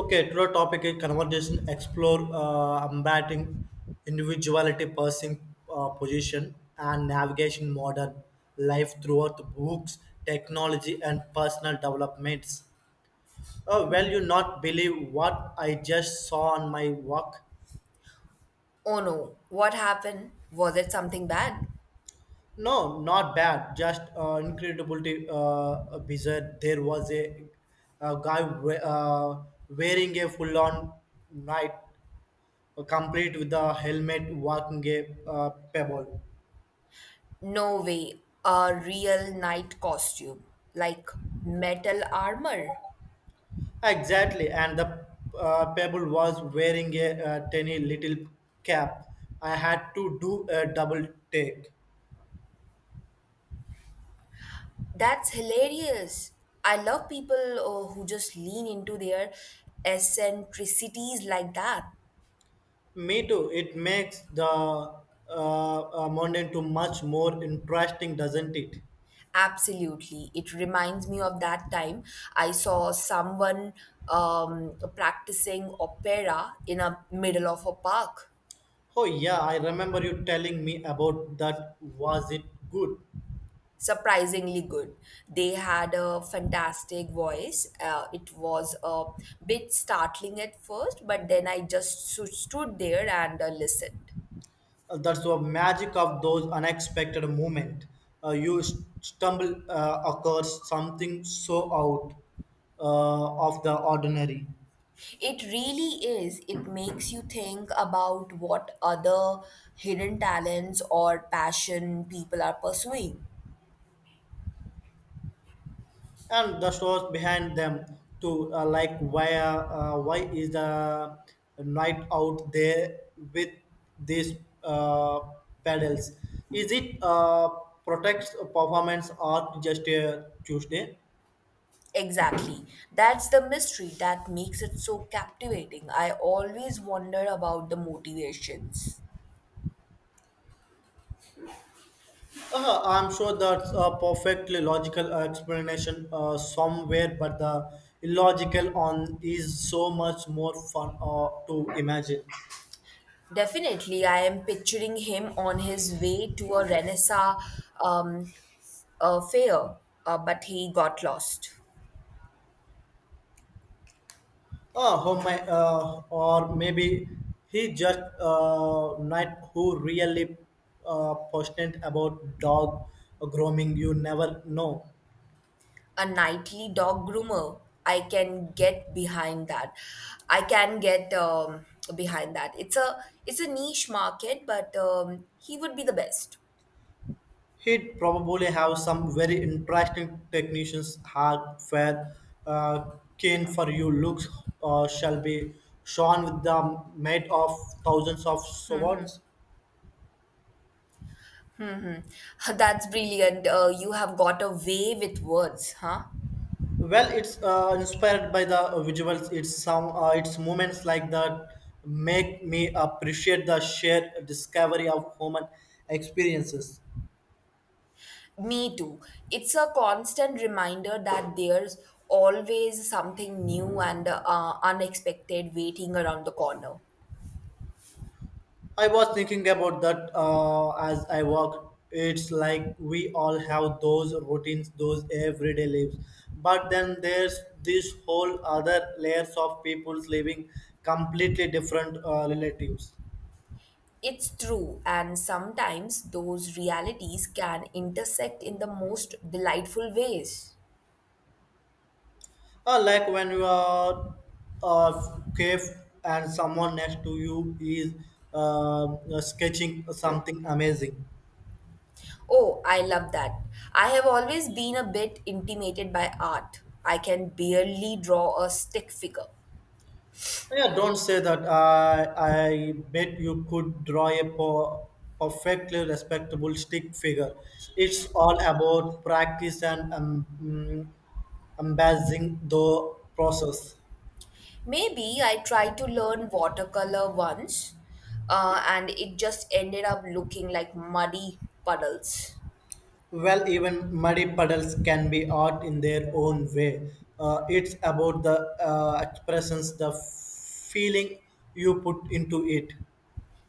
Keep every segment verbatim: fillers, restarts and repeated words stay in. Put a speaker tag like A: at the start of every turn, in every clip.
A: Okay, today topic is conversation explore uh, combating individuality, pursuing uh, position, and navigation modern life throughout books, technology, and personal developments. Oh, well, you not believe what I just saw on my walk.
B: Oh no, what happened? Was it something bad?
A: No, not bad. Just uh, incredibly uh, bizarre. There was a, a guy we- uh, wearing a full-on night complete with the helmet walking a uh, pebble.
B: No way, a real knight costume, like metal armor.
A: Exactly, and the uh, pebble was wearing a uh, tiny little cap. I had to do a double take.
B: That's hilarious. I love people uh, who just lean into their eccentricities like that.
A: Me too. It makes the uh, uh, mountain too much more interesting, doesn't it?
B: Absolutely. It reminds me of that time I saw someone um, practicing opera in a middle of a park.
A: Oh yeah, I remember you telling me about that. Was it good?
B: Surprisingly good. They had a fantastic voice. Uh, it was a bit startling at first, but then I just stu- stood there and uh, listened.
A: Uh, that's the magic of those unexpected moment. Uh, you st- stumble uh, occurs something so out uh, of the ordinary,
B: It really is. It makes you think about what other hidden talents or passion people are pursuing.
A: and the stores behind them too. Uh, like why uh, why is the night out there with these uh, pedals? Is it uh, protects performance or just a Tuesday?
B: Exactly. That's the mystery that makes it so captivating. I always wonder about the motivations.
A: Uh, I'm sure that's a perfectly logical explanation uh, somewhere, but the illogical on is so much more fun uh, to imagine.
B: Definitely, I am picturing him on his way to a Renaissance um, uh, fair, uh, but he got lost.
A: Uh, who may, uh, or maybe he just uh, not who really uh, passionate about dog grooming. You never know.
B: A nightly dog groomer. I can get behind that. I can get um, behind that. It's a it's a niche market, but um, he would be the best.
A: He'd probably have some very interesting technicians hardware uh, keen for you looks uh, shall be shone with the might of thousands of swords.
B: That's brilliant. Uh, you have got away with words, huh?
A: Well, it's uh, inspired by the visuals. It's some uh, it's moments like that make me appreciate the shared discovery of human experiences.
B: Me too. It's a constant reminder that there's always something new and uh, unexpected waiting around the corner.
A: I was thinking about that uh, as I walk. It's like we all have those routines, those everyday lives. But then there's this whole other layers of people's living completely different uh, relatives.
B: It's true, and sometimes those realities can intersect in the most delightful ways.
A: Uh, like when you are a cave and someone next to you is uh, sketching something amazing.
B: Oh, I love that. I have always been a bit intimidated by art. I can barely draw a stick figure.
A: Yeah, don't say that. I I bet you could draw a po- perfectly respectable stick figure. It's all about practice and um, mm, embracing the process.
B: Maybe I tried to learn watercolor once, uh, and it just ended up looking like muddy puddles.
A: Well, even muddy puddles can be art in their own way. Uh, it's about the uh, expressions, the feeling you put into it.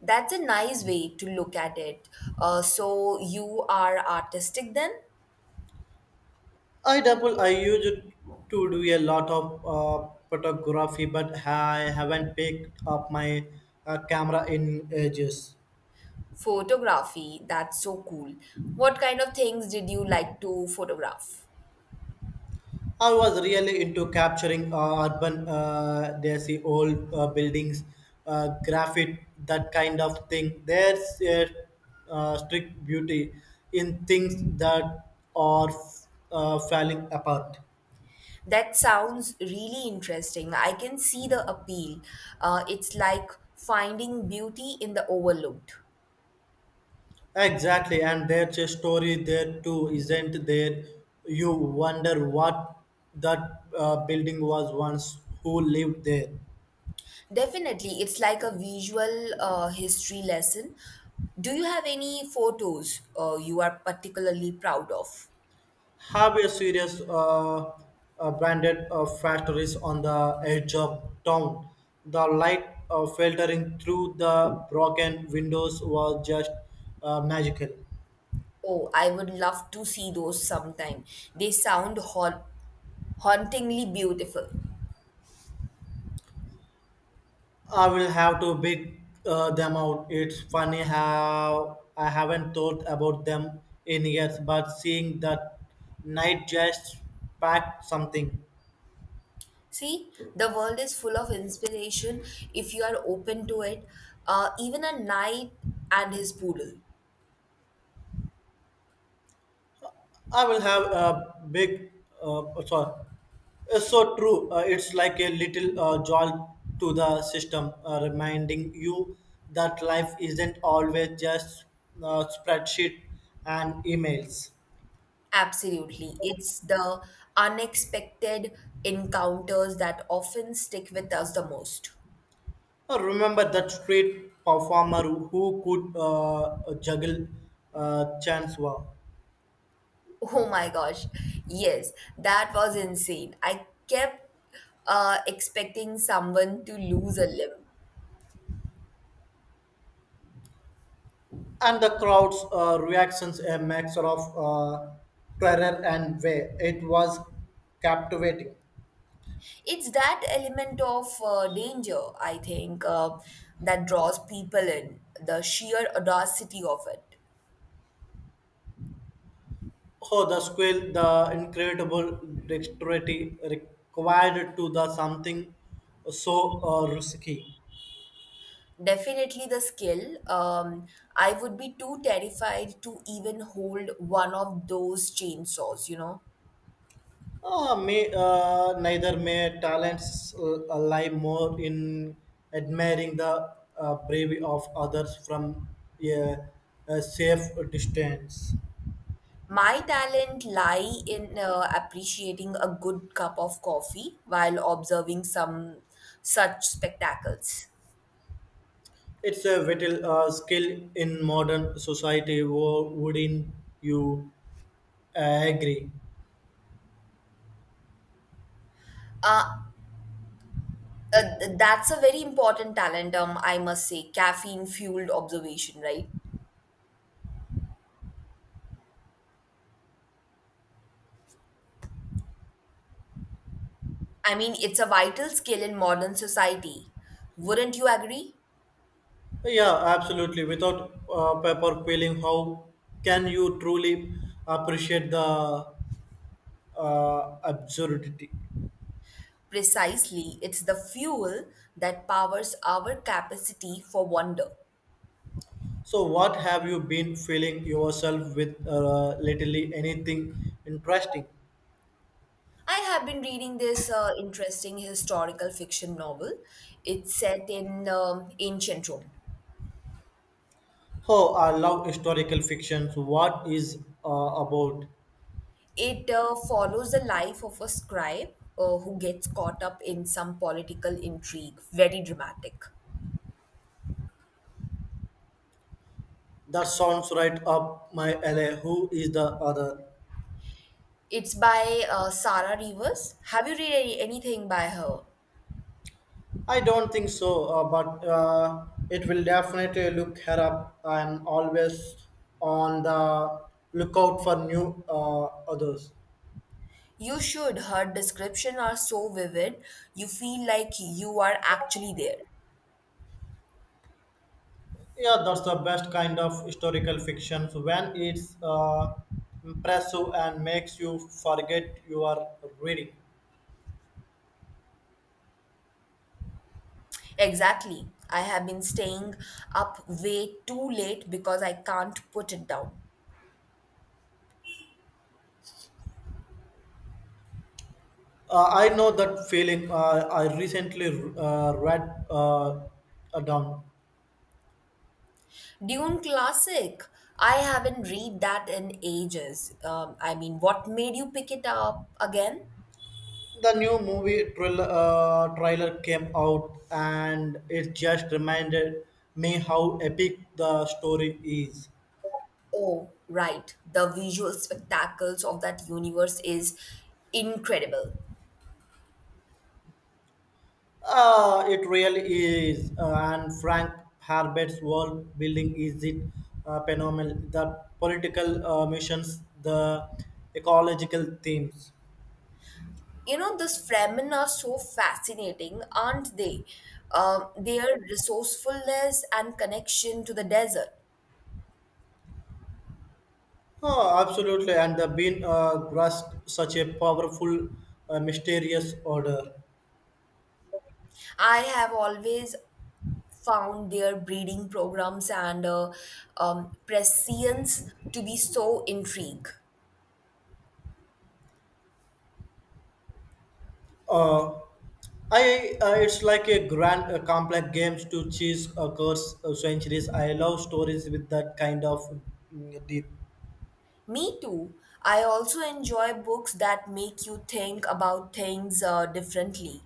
B: That's a nice way to look at it. Uh, so you are artistic then?
A: I double. I used to do a lot of uh, photography, but I haven't picked up my uh, camera in ages.
B: Photography, that's so cool. What kind of things did you like to photograph?
A: I was really into capturing uh, urban, uh, there's the old uh, buildings, uh, graffiti, that kind of thing. There's a uh, strict beauty in things that are uh, falling apart.
B: That sounds really interesting. I can see the appeal. Uh, it's like finding beauty in the overlooked.
A: Exactly, and there's a story there too, isn't there? You wonder what that uh, building was once, who lived there.
B: Definitely, it's like a visual uh, history lesson. Do you have any photos uh, you are particularly proud of?
A: Have a serious uh, uh, branded uh, factories on the edge of town. The light uh, filtering through the broken windows was just uh, magical.
B: Oh, I would love to see those sometime. They sound hau- hauntingly beautiful.
A: I will have to pick uh, them out. It's funny how I haven't thought about them in years, but seeing that night just packed something.
B: See, the world is full of inspiration if you are open to it. Uh, even a knight and his poodle.
A: I will have a big, uh, sorry, it's so true. Uh, it's like a little uh, jolt to the system, uh, reminding you that life isn't always just uh, spreadsheet and emails.
B: Absolutely. It's the unexpected encounters that often stick with us the most.
A: Uh, Remember that street performer who could uh, juggle uh, chainsaw,
B: Oh my gosh. Yes, that was insane. I kept uh, expecting someone to lose a limb.
A: and the crowd's uh, reactions a mix of uh, terror and way. It was captivating.
B: It's that element of uh, danger, I think, uh, that draws people in, the sheer audacity of it.
A: Oh, the skill, the incredible dexterity required to the something so uh, risky.
B: Definitely the skill. Um, I would be too terrified to even hold one of those chainsaws, you know?
A: Ah, may, uh, neither may talents uh, lie more in admiring the uh, bravery of others from a, a safe distance.
B: My talent lie in uh, appreciating a good cup of coffee while observing some such spectacles.
A: It's a vital uh, skill in modern society. Wo- Wouldn't you uh, agree?
B: Uh, uh, th- that's a very important talent, um, I must say, caffeine fueled observation, right? I mean, it's a vital skill in modern society. Wouldn't you agree?
A: Yeah, absolutely. Without uh, paper peeling, how can you truly appreciate the uh, absurdity?
B: Precisely, it's the fuel that powers our capacity for wonder.
A: So, what have you been filling yourself with uh, lately? Anything interesting?
B: I have been reading this uh, interesting historical fiction novel. It's set in um, ancient Rome.
A: Oh, I love historical fictions. What is uh, about?
B: It uh, follows the life of a scribe uh, who gets caught up in some political intrigue. Very dramatic.
A: That sounds right up my alley. Who is the other?
B: It's by uh, Sarah Rivers. Have you read any, anything by her?
A: I don't think so, uh, but uh, it will definitely look her up. I'm always on the lookout for new uh, others.
B: You should. Her description are so vivid. You feel like you are actually there.
A: Yeah, that's the best kind of historical fiction when it's uh, impressive and makes you forget you are reading.
B: Exactly. I have been staying up way too late because I can't put it down.
A: Uh, I know that feeling. Uh, I recently uh, read uh, uh, down.
B: Dune classic. I haven't read that in ages. Um, I mean, what made you pick it up again?
A: The new movie trailer, uh, trailer came out, and it just reminded me how epic the story is.
B: Oh, right. The visual spectacles of that universe is incredible.
A: Uh, it really is. Uh, and Frank Herbert's world building is it uh, phenomenal. The political uh, missions, the ecological themes.
B: You know, these Fremen are so fascinating, aren't they? Um, their resourcefulness and connection to the desert.
A: Oh, absolutely. And the bean uh, grasped such a powerful, uh, mysterious order.
B: I have always found their breeding programs and uh, um, prescience to be so intriguing.
A: Uh, I uh, it's like a grand, uh, complex games to chase across uh, centuries. I love stories with that kind of mm, deep.
B: Me too. I also enjoy books that make you think about things uh, differently.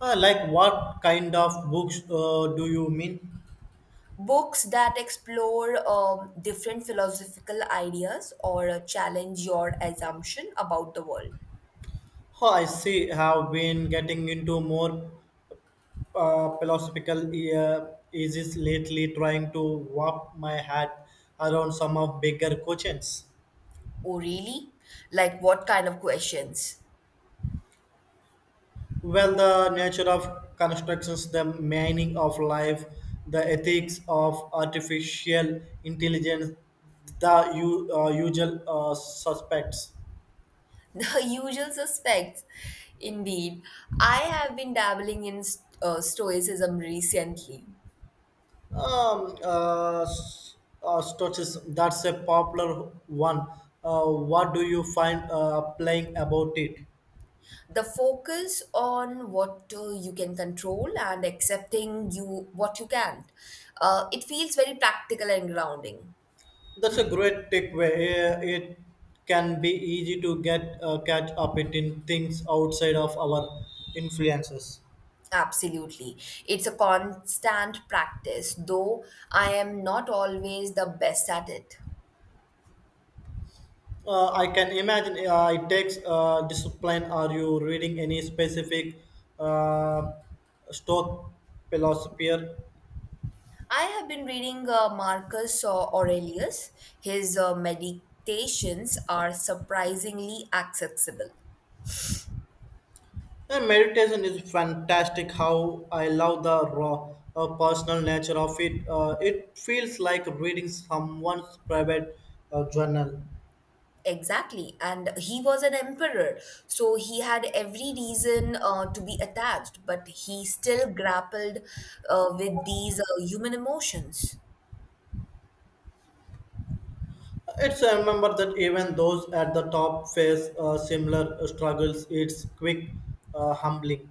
A: Uh, like what kind of books uh, do you mean?
B: Books that explore um, different philosophical ideas or uh, challenge your assumption about the world.
A: Oh, I see. Have been getting into more uh, philosophical uh, issues lately, trying to wrap my head around some of bigger questions.
B: Oh, really? Like what kind of questions?
A: Well, the nature of constructions, the meaning of life, the ethics of artificial intelligence, the u- uh, usual uh, suspects.
B: The usual suspects. Indeed, I have been dabbling in st- uh, stoicism recently.
A: Um, uh, s- uh, Stotis, that's a popular one. Uh, what do you find uh, playing about it?
B: The focus on what uh, you can control and accepting you what you can't, uh, it feels very practical and grounding.
A: That's a great takeaway. Uh, It can be easy to get uh, catch up it in things outside of our influences.
B: Absolutely, it's a constant practice though. I am not always the best at it.
A: Uh, I can imagine uh, it takes uh, discipline. Are you reading any specific uh, stoic philosopher?
B: I have been reading uh, Marcus Aurelius. His uh, meditations are surprisingly accessible.
A: Uh, meditation is fantastic. How I love the raw, uh, personal nature of it. Uh, it feels like reading someone's private uh, journal.
B: Exactly. And he was an emperor, so he had every reason uh, to be attached, but he still grappled uh, with these uh, human emotions.
A: It's I remember that even those at the top face uh, similar struggles. It's quick, uh, humbling.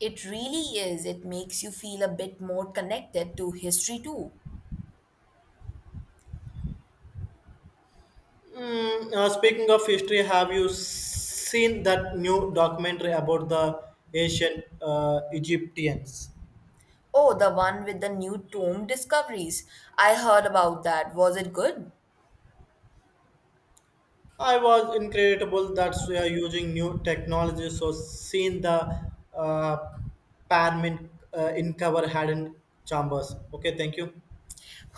B: It really is. It makes you feel a bit more connected to history too.
A: Mm, uh, speaking of history, have you seen that new documentary about the ancient uh, Egyptians?
B: Oh, the one with the new tomb discoveries. I heard about that. Was it good?
A: I was incredible that we are using new technology. So seeing the uh, parliament uh, in cover hadn't chambers. Okay, thank you.